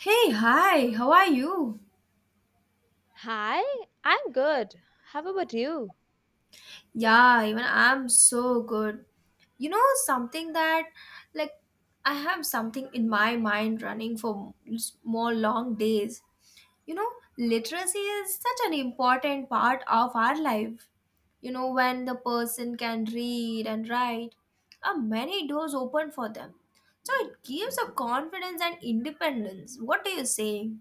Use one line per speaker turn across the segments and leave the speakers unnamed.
Hey, hi, how are you?
Hi, I'm good. How about you?
Yeah, even I'm so good. You know, something that, like, I have something in my mind running for more long days. You know, literacy is such an important part of our life. You know, when the person can read and write, are many doors open for them. So it gives a confidence and independence. What do you say?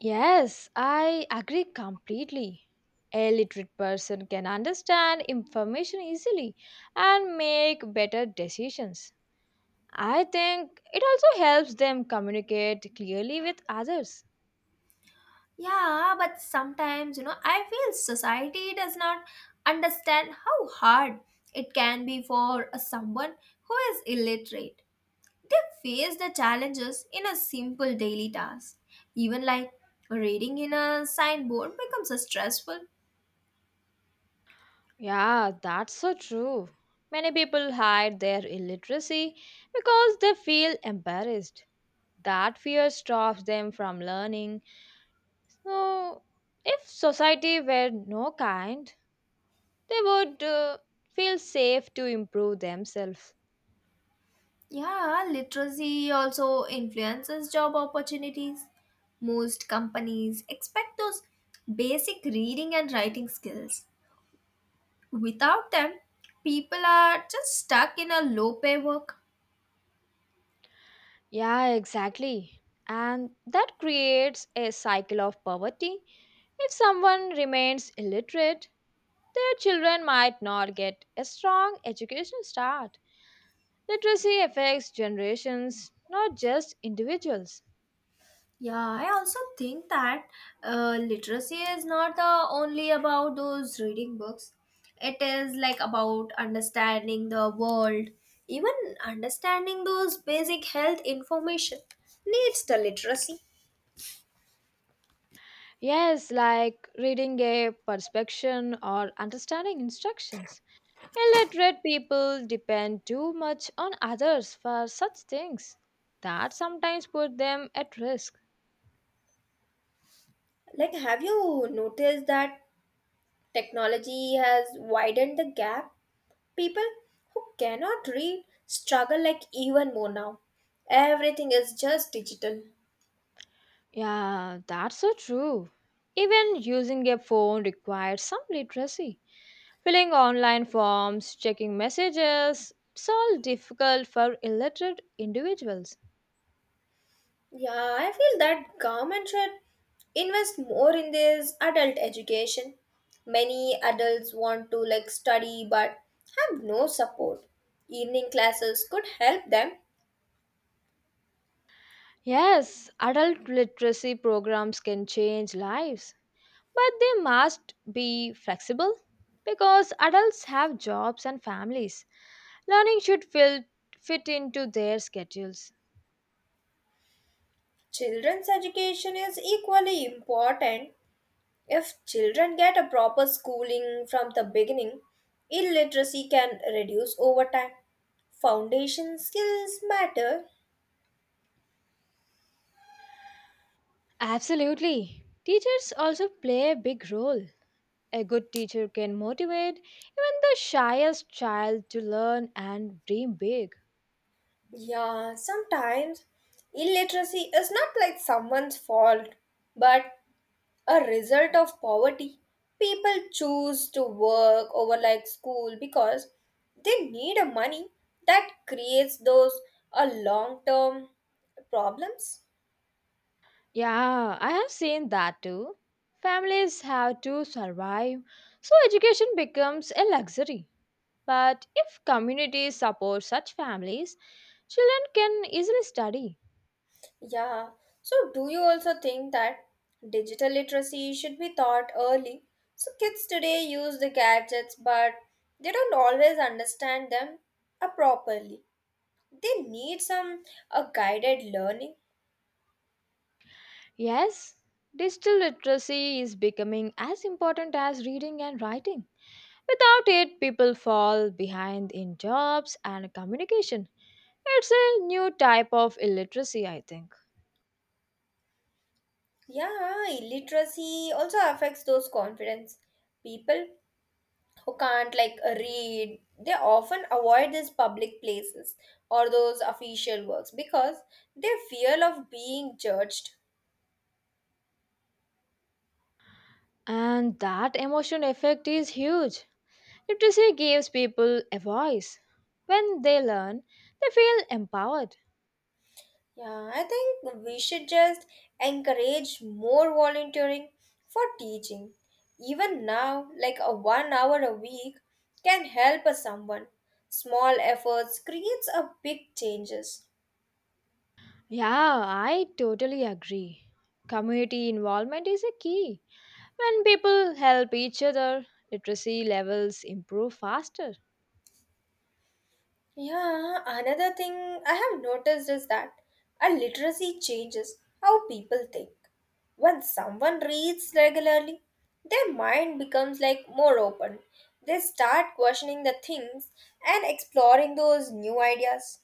Yes, I agree completely. A literate person can understand information easily and make better decisions. I think it also helps them communicate clearly with others.
Yeah, but sometimes, you know, I feel society does not understand how hard it can be for a someone who is illiterate. They face the challenges in a simple daily task. Even like reading in a signboard becomes a stressful.
Yeah, that's so true. Many people hide their illiteracy because they feel embarrassed. That fear stops them from learning. So, if society were no kind, they would feel safe to improve themselves.
Yeah, literacy also influences job opportunities. Most companies expect those basic reading and writing skills. Without them, people are just stuck in a low pay work.
Yeah, exactly. And that creates a cycle of poverty. If someone remains illiterate, their children might not get a strong education start. Literacy affects generations, not just individuals.
Yeah, I also think that literacy is not only about those reading books. It is like about understanding the world, even understanding those basic health information needs the literacy.
Yes, like reading a prescription or understanding instructions. Illiterate people depend too much on others for such things that sometimes put them at risk.
Like, have you noticed that technology has widened the gap? People who cannot read struggle like even more now. Everything is just digital.
Yeah, that's so true. Even using a phone requires some literacy. Filling online forms, checking messages, it's all difficult for illiterate individuals.
Yeah, I feel that government should invest more in this adult education. Many adults want to like study but have no support. Evening classes could help them.
Yes, adult literacy programs can change lives. But they must be flexible because adults have jobs and families. Learning should fit into their schedules.
Children's education is equally important. If children get a proper schooling from the beginning, illiteracy can reduce over time. Foundation skills matter.
Absolutely. Teachers also play a big role. A good teacher can motivate even the shyest child to learn and dream big.
Yeah, sometimes illiteracy is not like someone's fault, but a result of poverty. People choose to work over like school because they need a money that creates those a long term problems.
Yeah, I have seen that too. Families have to survive, so education becomes a luxury. But if communities support such families, children can easily study.
Yeah. So, do you also think that digital literacy should be taught early? So, kids today use the gadgets, but they don't always understand them properly. They need some guided learning.
Yes, digital literacy is becoming as important as reading and writing. Without it, people fall behind in jobs and communication. It's a new type of illiteracy, I think.
Yeah, illiteracy also affects those confidence. People who can't like read, they often avoid these public places or those official works because they fear of being judged.
And that emotional effect is huge. Literacy gives people a voice. When they learn, they feel empowered.
Yeah, I think we should just encourage more volunteering for teaching. Even now, like a 1 hour a week can help a someone. Small efforts creates a big changes.
Yeah, I totally agree. Community involvement is a key. When people help each other, literacy levels improve faster.
Yeah, another thing I have noticed is that our literacy changes how people think. When someone reads regularly, their mind becomes like more open. They start questioning the things and exploring those new ideas.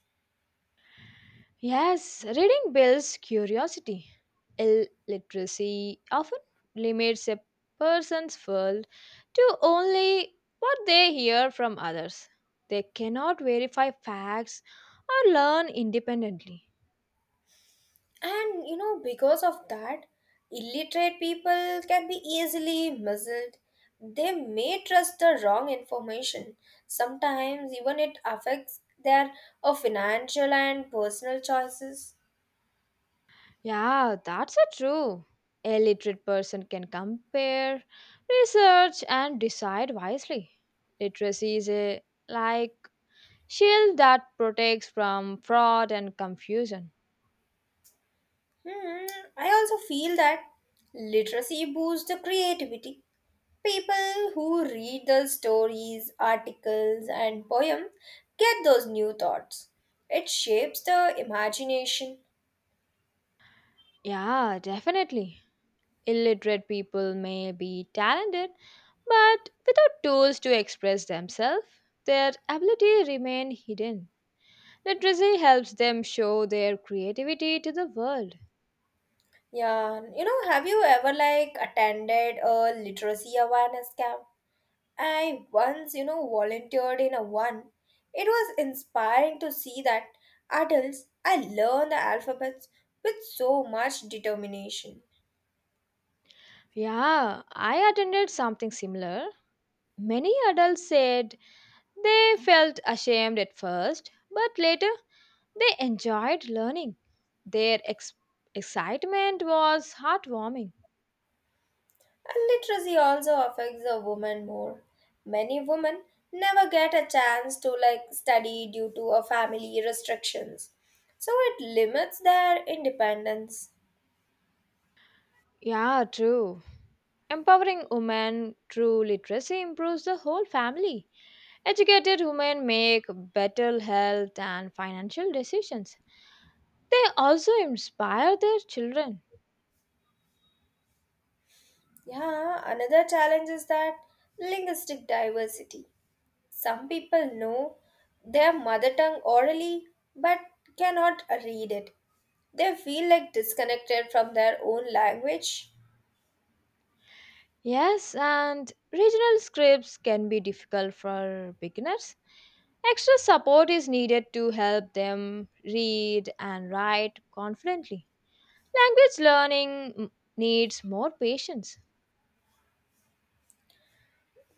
Yes, reading builds curiosity. Illiteracy often limits a person's world to only what they hear from others. They cannot verify facts or learn independently.
And you know, because of that, illiterate people can be easily muzzled. They may trust the wrong information. Sometimes, even it affects their financial and personal choices.
Yeah, that's a true. A literate person can compare, research, and decide wisely. Literacy is a like shield that protects from fraud and confusion.
Hmm, I also feel that literacy boosts the creativity. People who read the stories, articles, and poems get those new thoughts. It shapes the imagination.
Yeah, definitely. Illiterate people may be talented, but without tools to express themselves, their ability remain hidden. Literacy helps them show their creativity to the world.
Yeah, you know, have you ever like attended a literacy awareness camp? I once, you know, volunteered in a one. It was inspiring to see that adults I learn the alphabets with so much determination.
Yeah, I attended something similar. Many adults said they felt ashamed at first, but later they enjoyed learning. Their excitement was heartwarming.
And literacy also affects a woman more. Many women never get a chance to like study due to a family restrictions. So it limits their independence.
Yeah, true. Empowering women through literacy improves the whole family. Educated women make better health and financial decisions. They also inspire their children.
Yeah, another challenge is that linguistic diversity. Some people know their mother tongue orally but cannot read it. They feel like disconnected from their own language.
Yes, and regional scripts can be difficult for beginners. Extra support is needed to help them read and write confidently. Language learning m- needs more patience.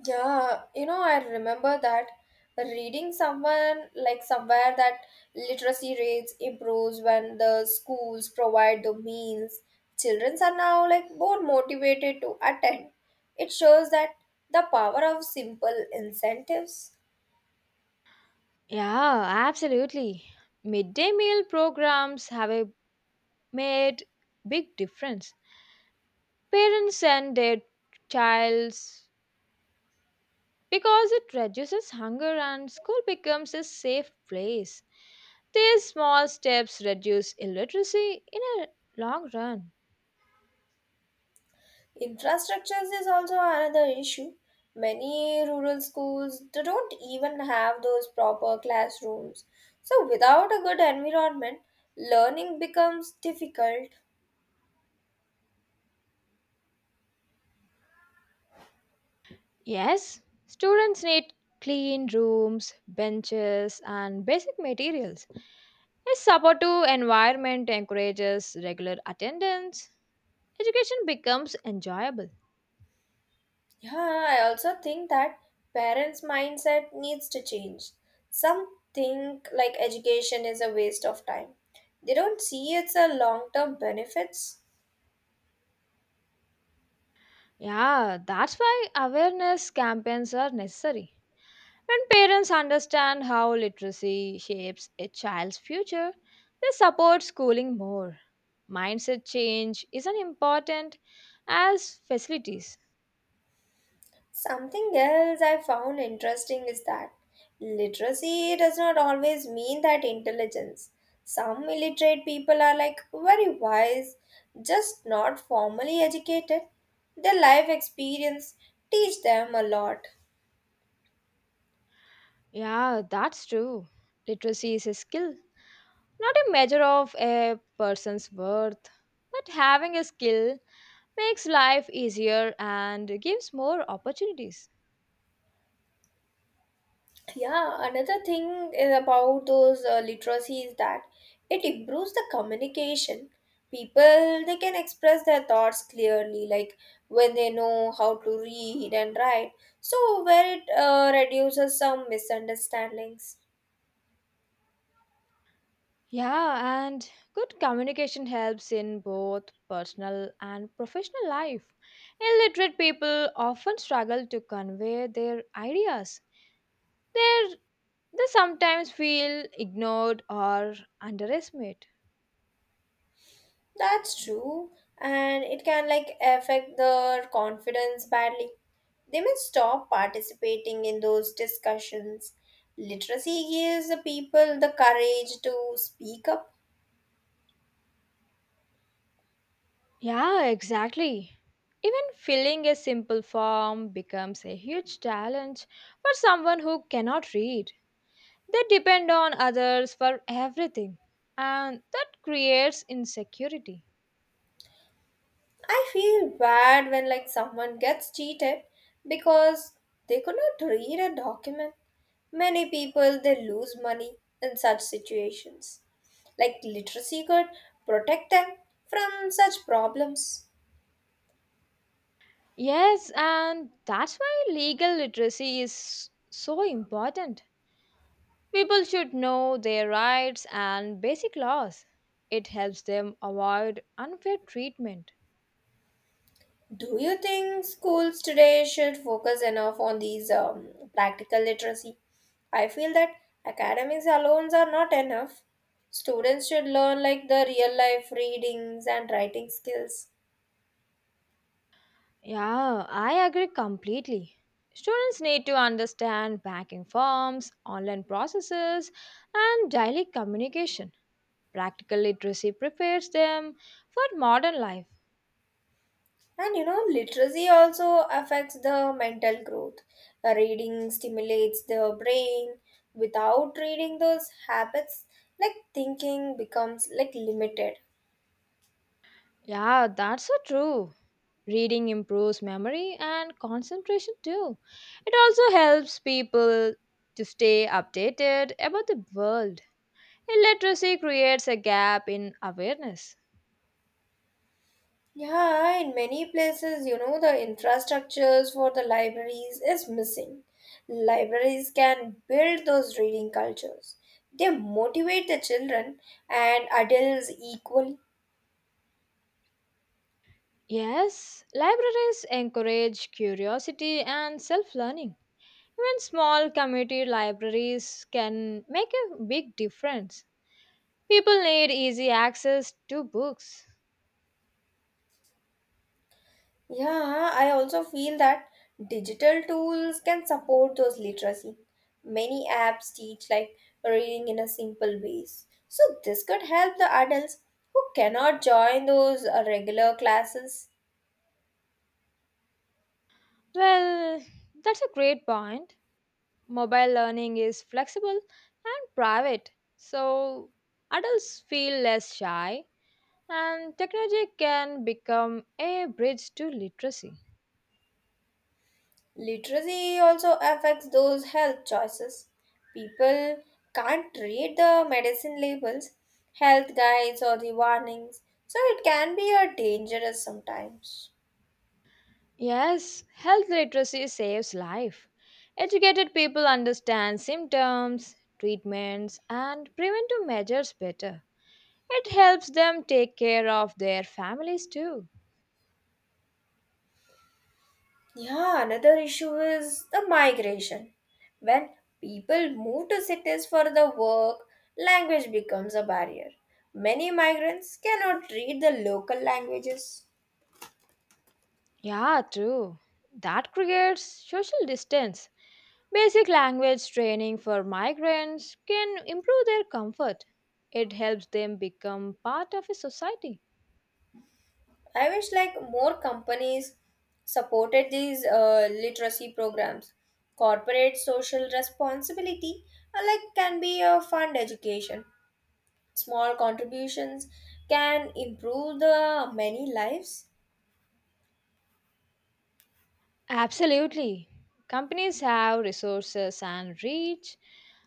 Yeah, you know, I remember that reading someone like somewhere that literacy rates improves when the schools provide the means. Children are now like more motivated to attend. It shows that the power of simple incentives.
Yeah, absolutely. Midday meal programs made big difference. Parents send their childs because it reduces hunger and school becomes a safe place. These small steps reduce illiteracy in a long run.
Infrastructures is also another issue. Many rural schools they don't even have those proper classrooms. So without a good environment, learning becomes difficult.
Yes, students need clean rooms, benches, and basic materials. A supportive environment encourages regular attendance. Education becomes enjoyable.
Yeah, I also think that parents' mindset needs to change. Some think like education is a waste of time. They don't see it's a long-term benefits.
Yeah, that's why awareness campaigns are necessary. When parents understand how literacy shapes a child's future, they support schooling more. Mindset change isn't important as facilities.
Something else I found interesting is that literacy does not always mean that intelligence. Some illiterate people are like very wise, just not formally educated. Their life experience teach them a lot.
Yeah, that's true. Literacy is a skill, not a measure of a person's worth. But having a skill makes life easier and gives more opportunities.
Yeah, another thing is about those literacy is that it improves the communication. People they can express their thoughts clearly, like when they know how to read and write. So where it reduces some misunderstandings.
Yeah, and good communication helps in both personal and professional life. Illiterate people often struggle to convey their ideas. They're, they sometimes feel ignored or underestimated.
That's true, and it can like affect their confidence badly. They may stop participating in those discussions. Literacy gives the people the courage to speak up.
Yeah, exactly. Even filling a simple form becomes a huge challenge for someone who cannot read. They depend on others for everything, and that creates insecurity.
I feel bad when like someone gets cheated because they could not read a document. Many people they lose money in such situations. Like literacy could protect them from such problems.
Yes, and that's why legal literacy is so important. People should know their rights and basic laws. It helps them avoid unfair treatment.
Do you think schools today should focus enough on these practical literacy? I feel that academics alone are not enough. Students should learn like the real life readings and writing skills.
Yeah, I agree completely. Students need to understand banking forms, online processes, and daily communication. Practical literacy prepares them for modern life.
And you know, literacy also affects the mental growth. Reading stimulates the brain. Without reading those habits, like thinking becomes like limited.
Yeah, that's so true. Reading improves memory and concentration too. It also helps people to stay updated about the world. Illiteracy creates a gap in awareness.
Yeah, in many places, you know, the infrastructures for the libraries is missing. Libraries can build those reading cultures. They motivate the children and adults equally.
Yes, libraries encourage curiosity and self learning. Even small community libraries can make a big difference. People need easy access to books.
Yeah, I also feel that digital tools can support those literacy. Many apps teach like reading in a simple ways. So this could help the adults who cannot join those regular classes.
Well, that's a great point. Mobile learning is flexible and private, so adults feel less shy, and technology can become a bridge to literacy.
Literacy also affects those health choices. People can't read the medicine labels, health guides or the warnings. So it can be a dangerous sometimes.
Yes, health literacy saves life. Educated people understand symptoms, treatments, and preventive measures better. It helps them take care of their families too.
Yeah, another issue is the migration. When people move to cities for the work, language becomes a barrier. Many migrants cannot read the local languages.
Yeah, true. That creates social distance. Basic language training for migrants can improve their comfort. It helps them become part of a society.
I wish like more companies supported these literacy programs. Corporate social responsibility like can be a fund education. Small contributions can improve the many lives.
Absolutely. Companies have resources and reach.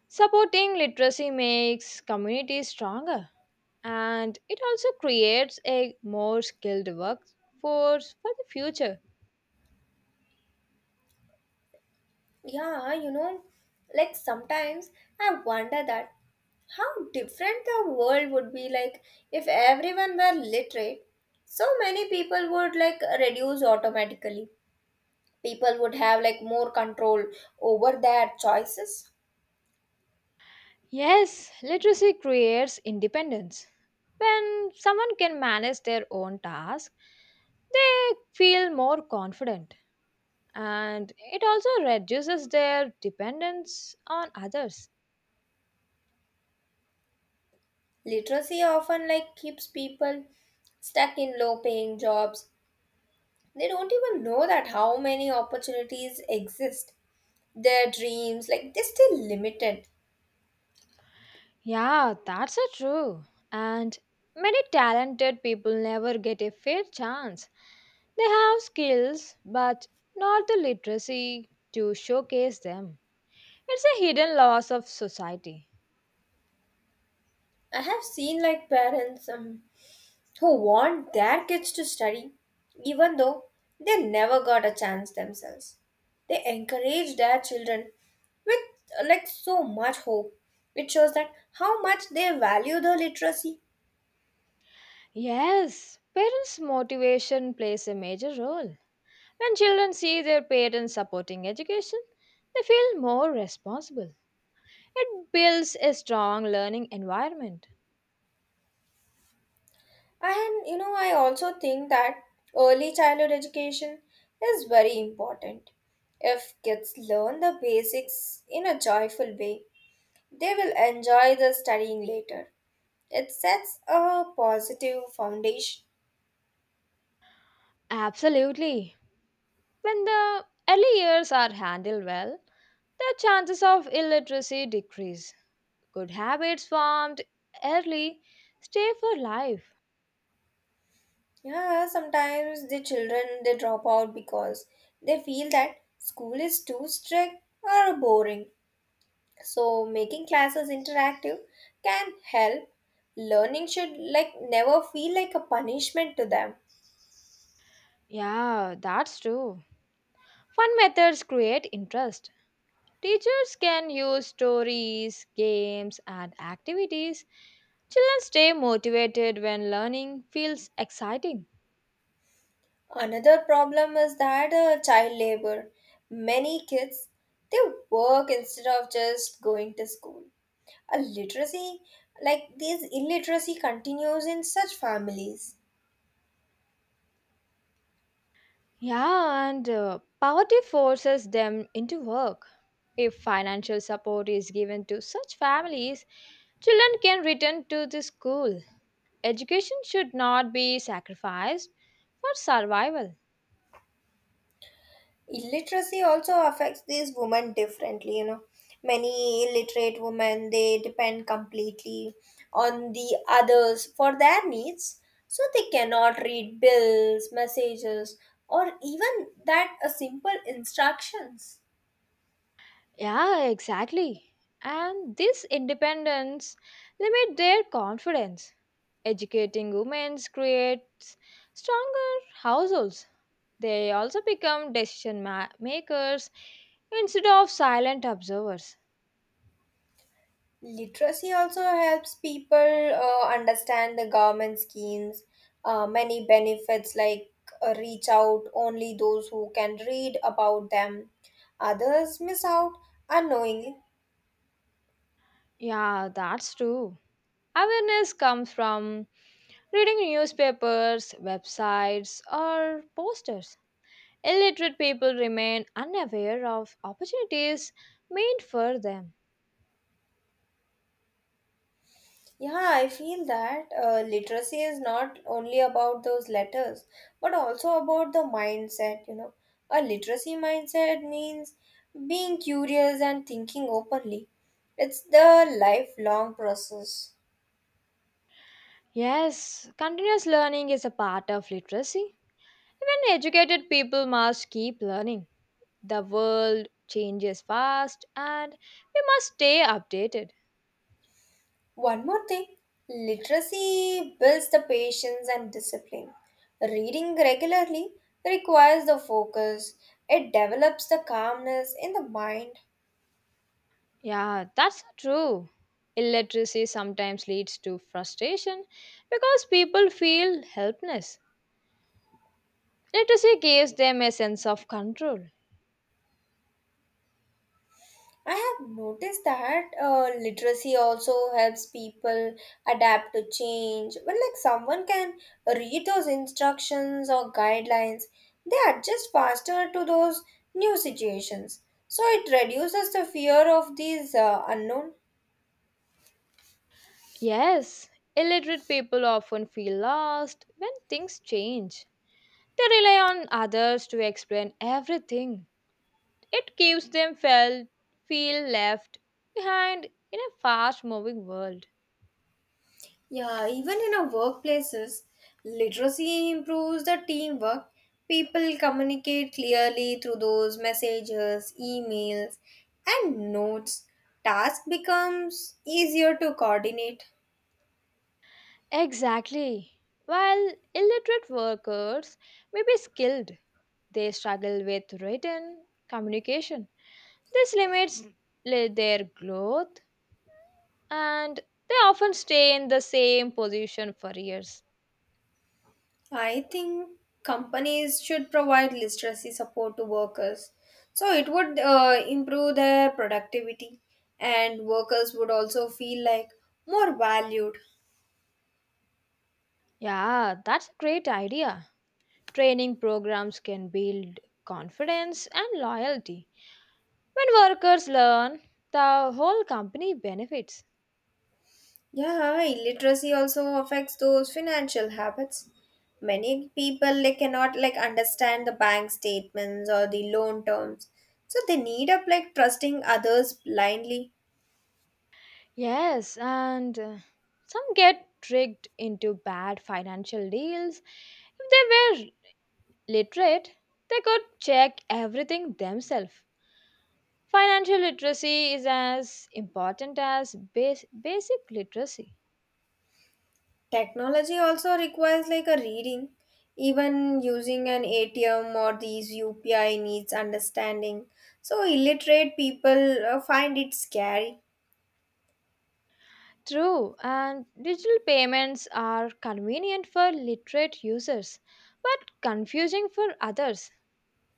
Supporting literacy makes communities stronger and it also creates a more skilled workforce for the future.
Yeah, you know, like sometimes I wonder that how different the world would be like if everyone were literate. So many people would like reduce automatically. People would have like more control over their choices.
Yes, literacy creates independence. When someone can manage their own task, they feel more confident and it also reduces their dependence on others.
Literacy often like keeps people stuck in low paying jobs. They don't even know that how many opportunities exist. Their dreams like they're still limited.
Yeah, that's a true. And many talented people never get a fair chance. They have skills, but not the literacy to showcase them. It's a hidden loss of society.
I have seen like parents who want their kids to study, even though they never got a chance themselves. They encourage their children with like so much hope. It shows that how much they value the literacy.
Yes, parents' motivation plays a major role. When children see their parents supporting education, they feel more responsible. It builds a strong learning environment.
And you know, I also think that early childhood education is very important. If kids learn the basics in a joyful way, they will enjoy the studying later. It sets a positive foundation.
Absolutely. When the early years are handled well, the chances of illiteracy decrease. Good habits formed early stay for life.
Yeah, sometimes the children they drop out because they feel that school is too strict or boring. So making classes interactive can help. Learning should like never feel like a punishment to them.
Yeah, that's true. Fun methods create interest. Teachers can use stories, games, and activities. Children stay motivated when learning feels exciting.
Another problem is that child labor. Many kids they work instead of just going to school. A literacy like this illiteracy continues in such families.
Yeah, and poverty forces them into work. If financial support is given to such families, children can return to the school. Education should not be sacrificed for survival.
Illiteracy also affects these women differently, you know, many illiterate women they depend completely on the others for their needs, so they cannot read bills messages or even that simple instructions.
Yeah, exactly. And this independence limit their confidence. Educating women creates stronger households. They also become decision makers instead of silent observers.
Literacy also helps people understand the government schemes. Many benefits like reach out only those who can read about them. Others miss out unknowingly.
Yeah, that's true. Awareness comes from reading newspapers, websites, or posters. Illiterate people remain unaware of opportunities made for them.
Yeah, I feel that literacy is not only about those letters, but also about the mindset, you know. A literacy mindset means being curious and thinking openly. It's the lifelong process.
Yes, continuous learning is a part of literacy. Even educated people must keep learning. The world changes fast and we must stay updated.
One more thing, literacy builds the patience and discipline. Reading regularly requires the focus. It develops the calmness in the mind.
Yeah, that's true. Illiteracy sometimes leads to frustration because people feel helpless. Literacy gives them a sense of control.
I have noticed that literacy also helps people adapt to change. When like someone can read those instructions or guidelines, they adjust faster to those new situations. So it reduces the fear of these unknown.
Yes, illiterate people often feel lost when things change. They rely on others to explain everything. It gives them feel left behind in a fast moving world.
Yeah, even in our workplaces, literacy improves the teamwork. People communicate clearly through those messages, emails, and notes. Task becomes easier to coordinate.
Exactly. While illiterate workers may be skilled, they struggle with written communication. This limits their growth and they often stay in the same position for years.
I think companies should provide literacy support to workers. So it would improve their productivity, and workers would also feel like more valued.
Yeah, that's a great idea. Training programs can build confidence and loyalty. When workers learn, the whole company benefits.
Yeah, illiteracy also affects those financial habits. Many people like cannot like understand the bank statements or the loan terms. So they need up like trusting others blindly.
Yes, and some get tricked into bad financial deals. If they were literate, they could check everything themselves. Financial literacy is as important as basic literacy.
Technology also requires like a reading. Even using an ATM or these UPI needs understanding. So illiterate people find it scary.
True, and digital payments are convenient for literate users, but confusing for others.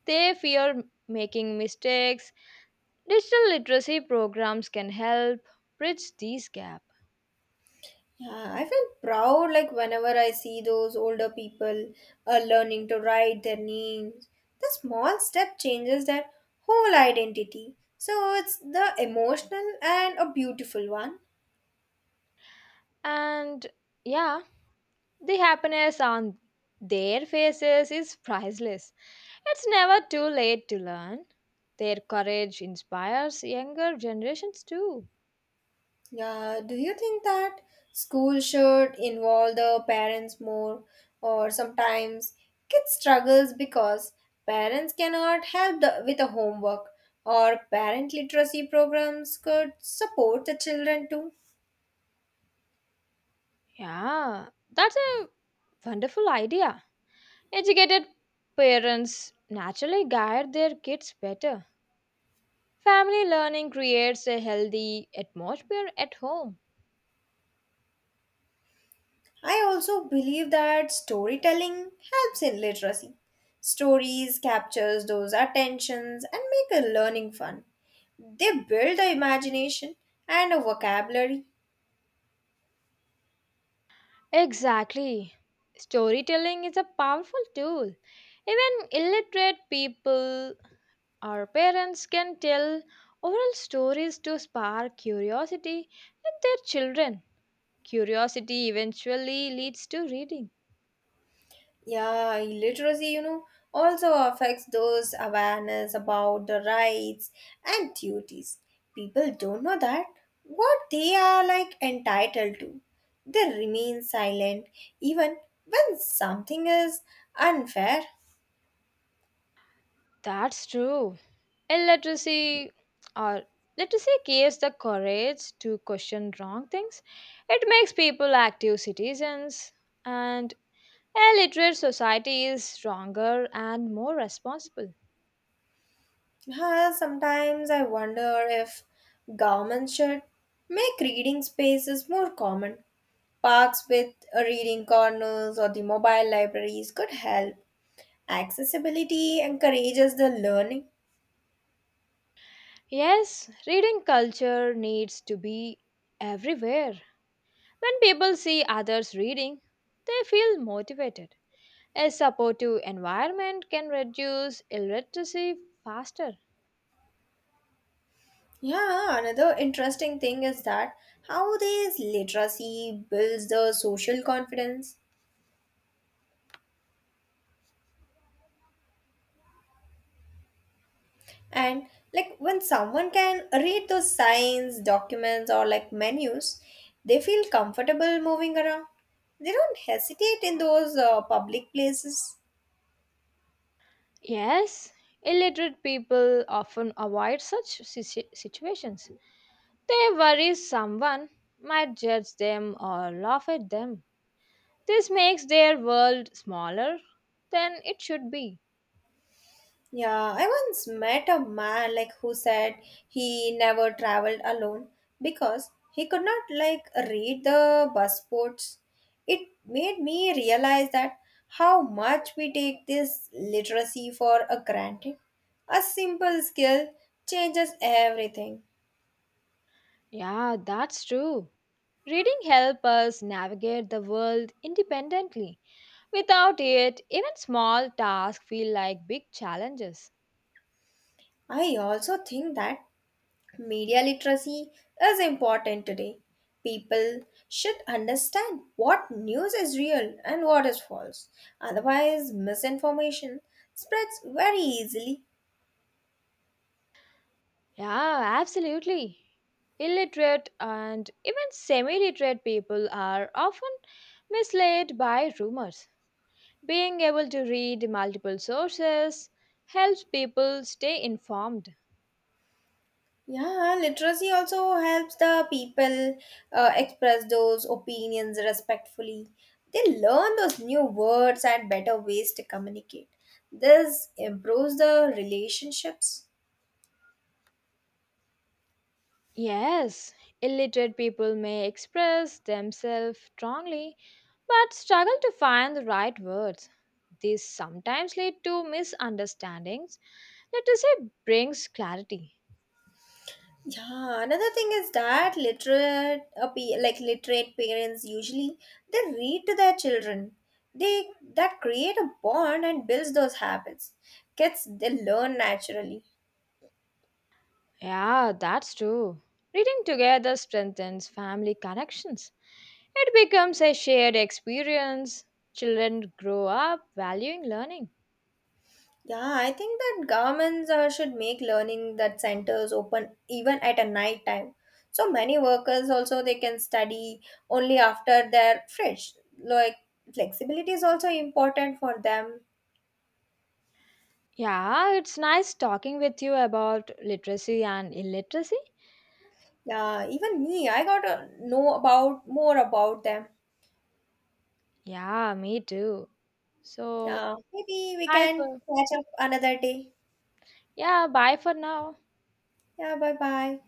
They fear making mistakes. Digital literacy programs can help bridge these gap.
Yeah, I feel proud like whenever I see those older people learning to write their names. The small step changes their whole identity. So it's the emotional and a beautiful one.
And yeah, the happiness on their faces is priceless. It's never too late to learn. Their courage inspires younger generations too.
Yeah, do you think that school should involve the parents more or sometimes kids struggles because parents cannot help the, with the homework or parent literacy programs could support the children too?
Yeah, that's a wonderful idea. Educated parents naturally guide their kids better. Family learning creates a healthy atmosphere at home.
I also believe that storytelling helps in literacy. Stories captures those attentions and make a learning fun. They build the imagination and a vocabulary.
Exactly. Storytelling is a powerful tool. Even illiterate people or parents can tell oral stories to spark curiosity in their children. Curiosity eventually leads to reading.
Yeah, illiteracy, you know, also affects those awareness about the rights and duties. People don't know that what they are like entitled to. They remain silent even when something is unfair.
That's true. Illiteracy or literacy gives the courage to question wrong things. It makes people active citizens, and a literate society is stronger and more responsible.
Sometimes I wonder if governments should make reading spaces more common. Parks with reading corners or the mobile libraries could help. Accessibility encourages the learning.
Yes, reading culture needs to be everywhere. When people see others reading, they feel motivated. A supportive environment can reduce illiteracy faster.
Yeah, another interesting thing is that how this literacy builds the social confidence. And like when someone can read those signs documents or like menus, they feel comfortable moving around. They don't hesitate in those public places.
Yes, illiterate people often avoid such situations. They worry someone might judge them or laugh at them. This makes their world smaller than it should be.
Yeah, I once met a man like who said he never traveled alone because he could not like read the bus boards. It made me realize that how much we take this literacy for a granted. A simple skill changes everything.
Yeah, that's true. Reading helps us navigate the world independently. Without it, even small tasks feel like big challenges.
I also think that media literacy is important today. People should understand what news is real and what is false. Otherwise, misinformation spreads very easily.
Yeah, absolutely. Illiterate and even semi literate people are often misled by rumors. Being able to read multiple sources helps people stay informed.
Yeah, literacy also helps the people express those opinions respectfully. They learn those new words and better ways to communicate. This improves the relationships.
Yes, illiterate people may express themselves strongly but struggle to find the right words. These sometimes lead to misunderstandings. Literacy brings clarity.
Yeah, another thing is that literate, like literate parents usually they read to their children. They that create a bond and builds those habits. Kids they learn naturally.
Yeah, that's true. Reading together strengthens family connections. It becomes a shared experience. Children grow up valuing learning.
Yeah, I think that governments should make learning that centers open even at a night time. So many workers also they can study only after they're fresh. Like flexibility is also important for them.
Yeah, it's nice talking with you about literacy and illiteracy.
Yeah, even me, I got to know about more about them.
Yeah, me too. So,
Yeah, maybe we
bye
can
for
catch up another day.
yeah, bye for now.
Yeah, bye bye.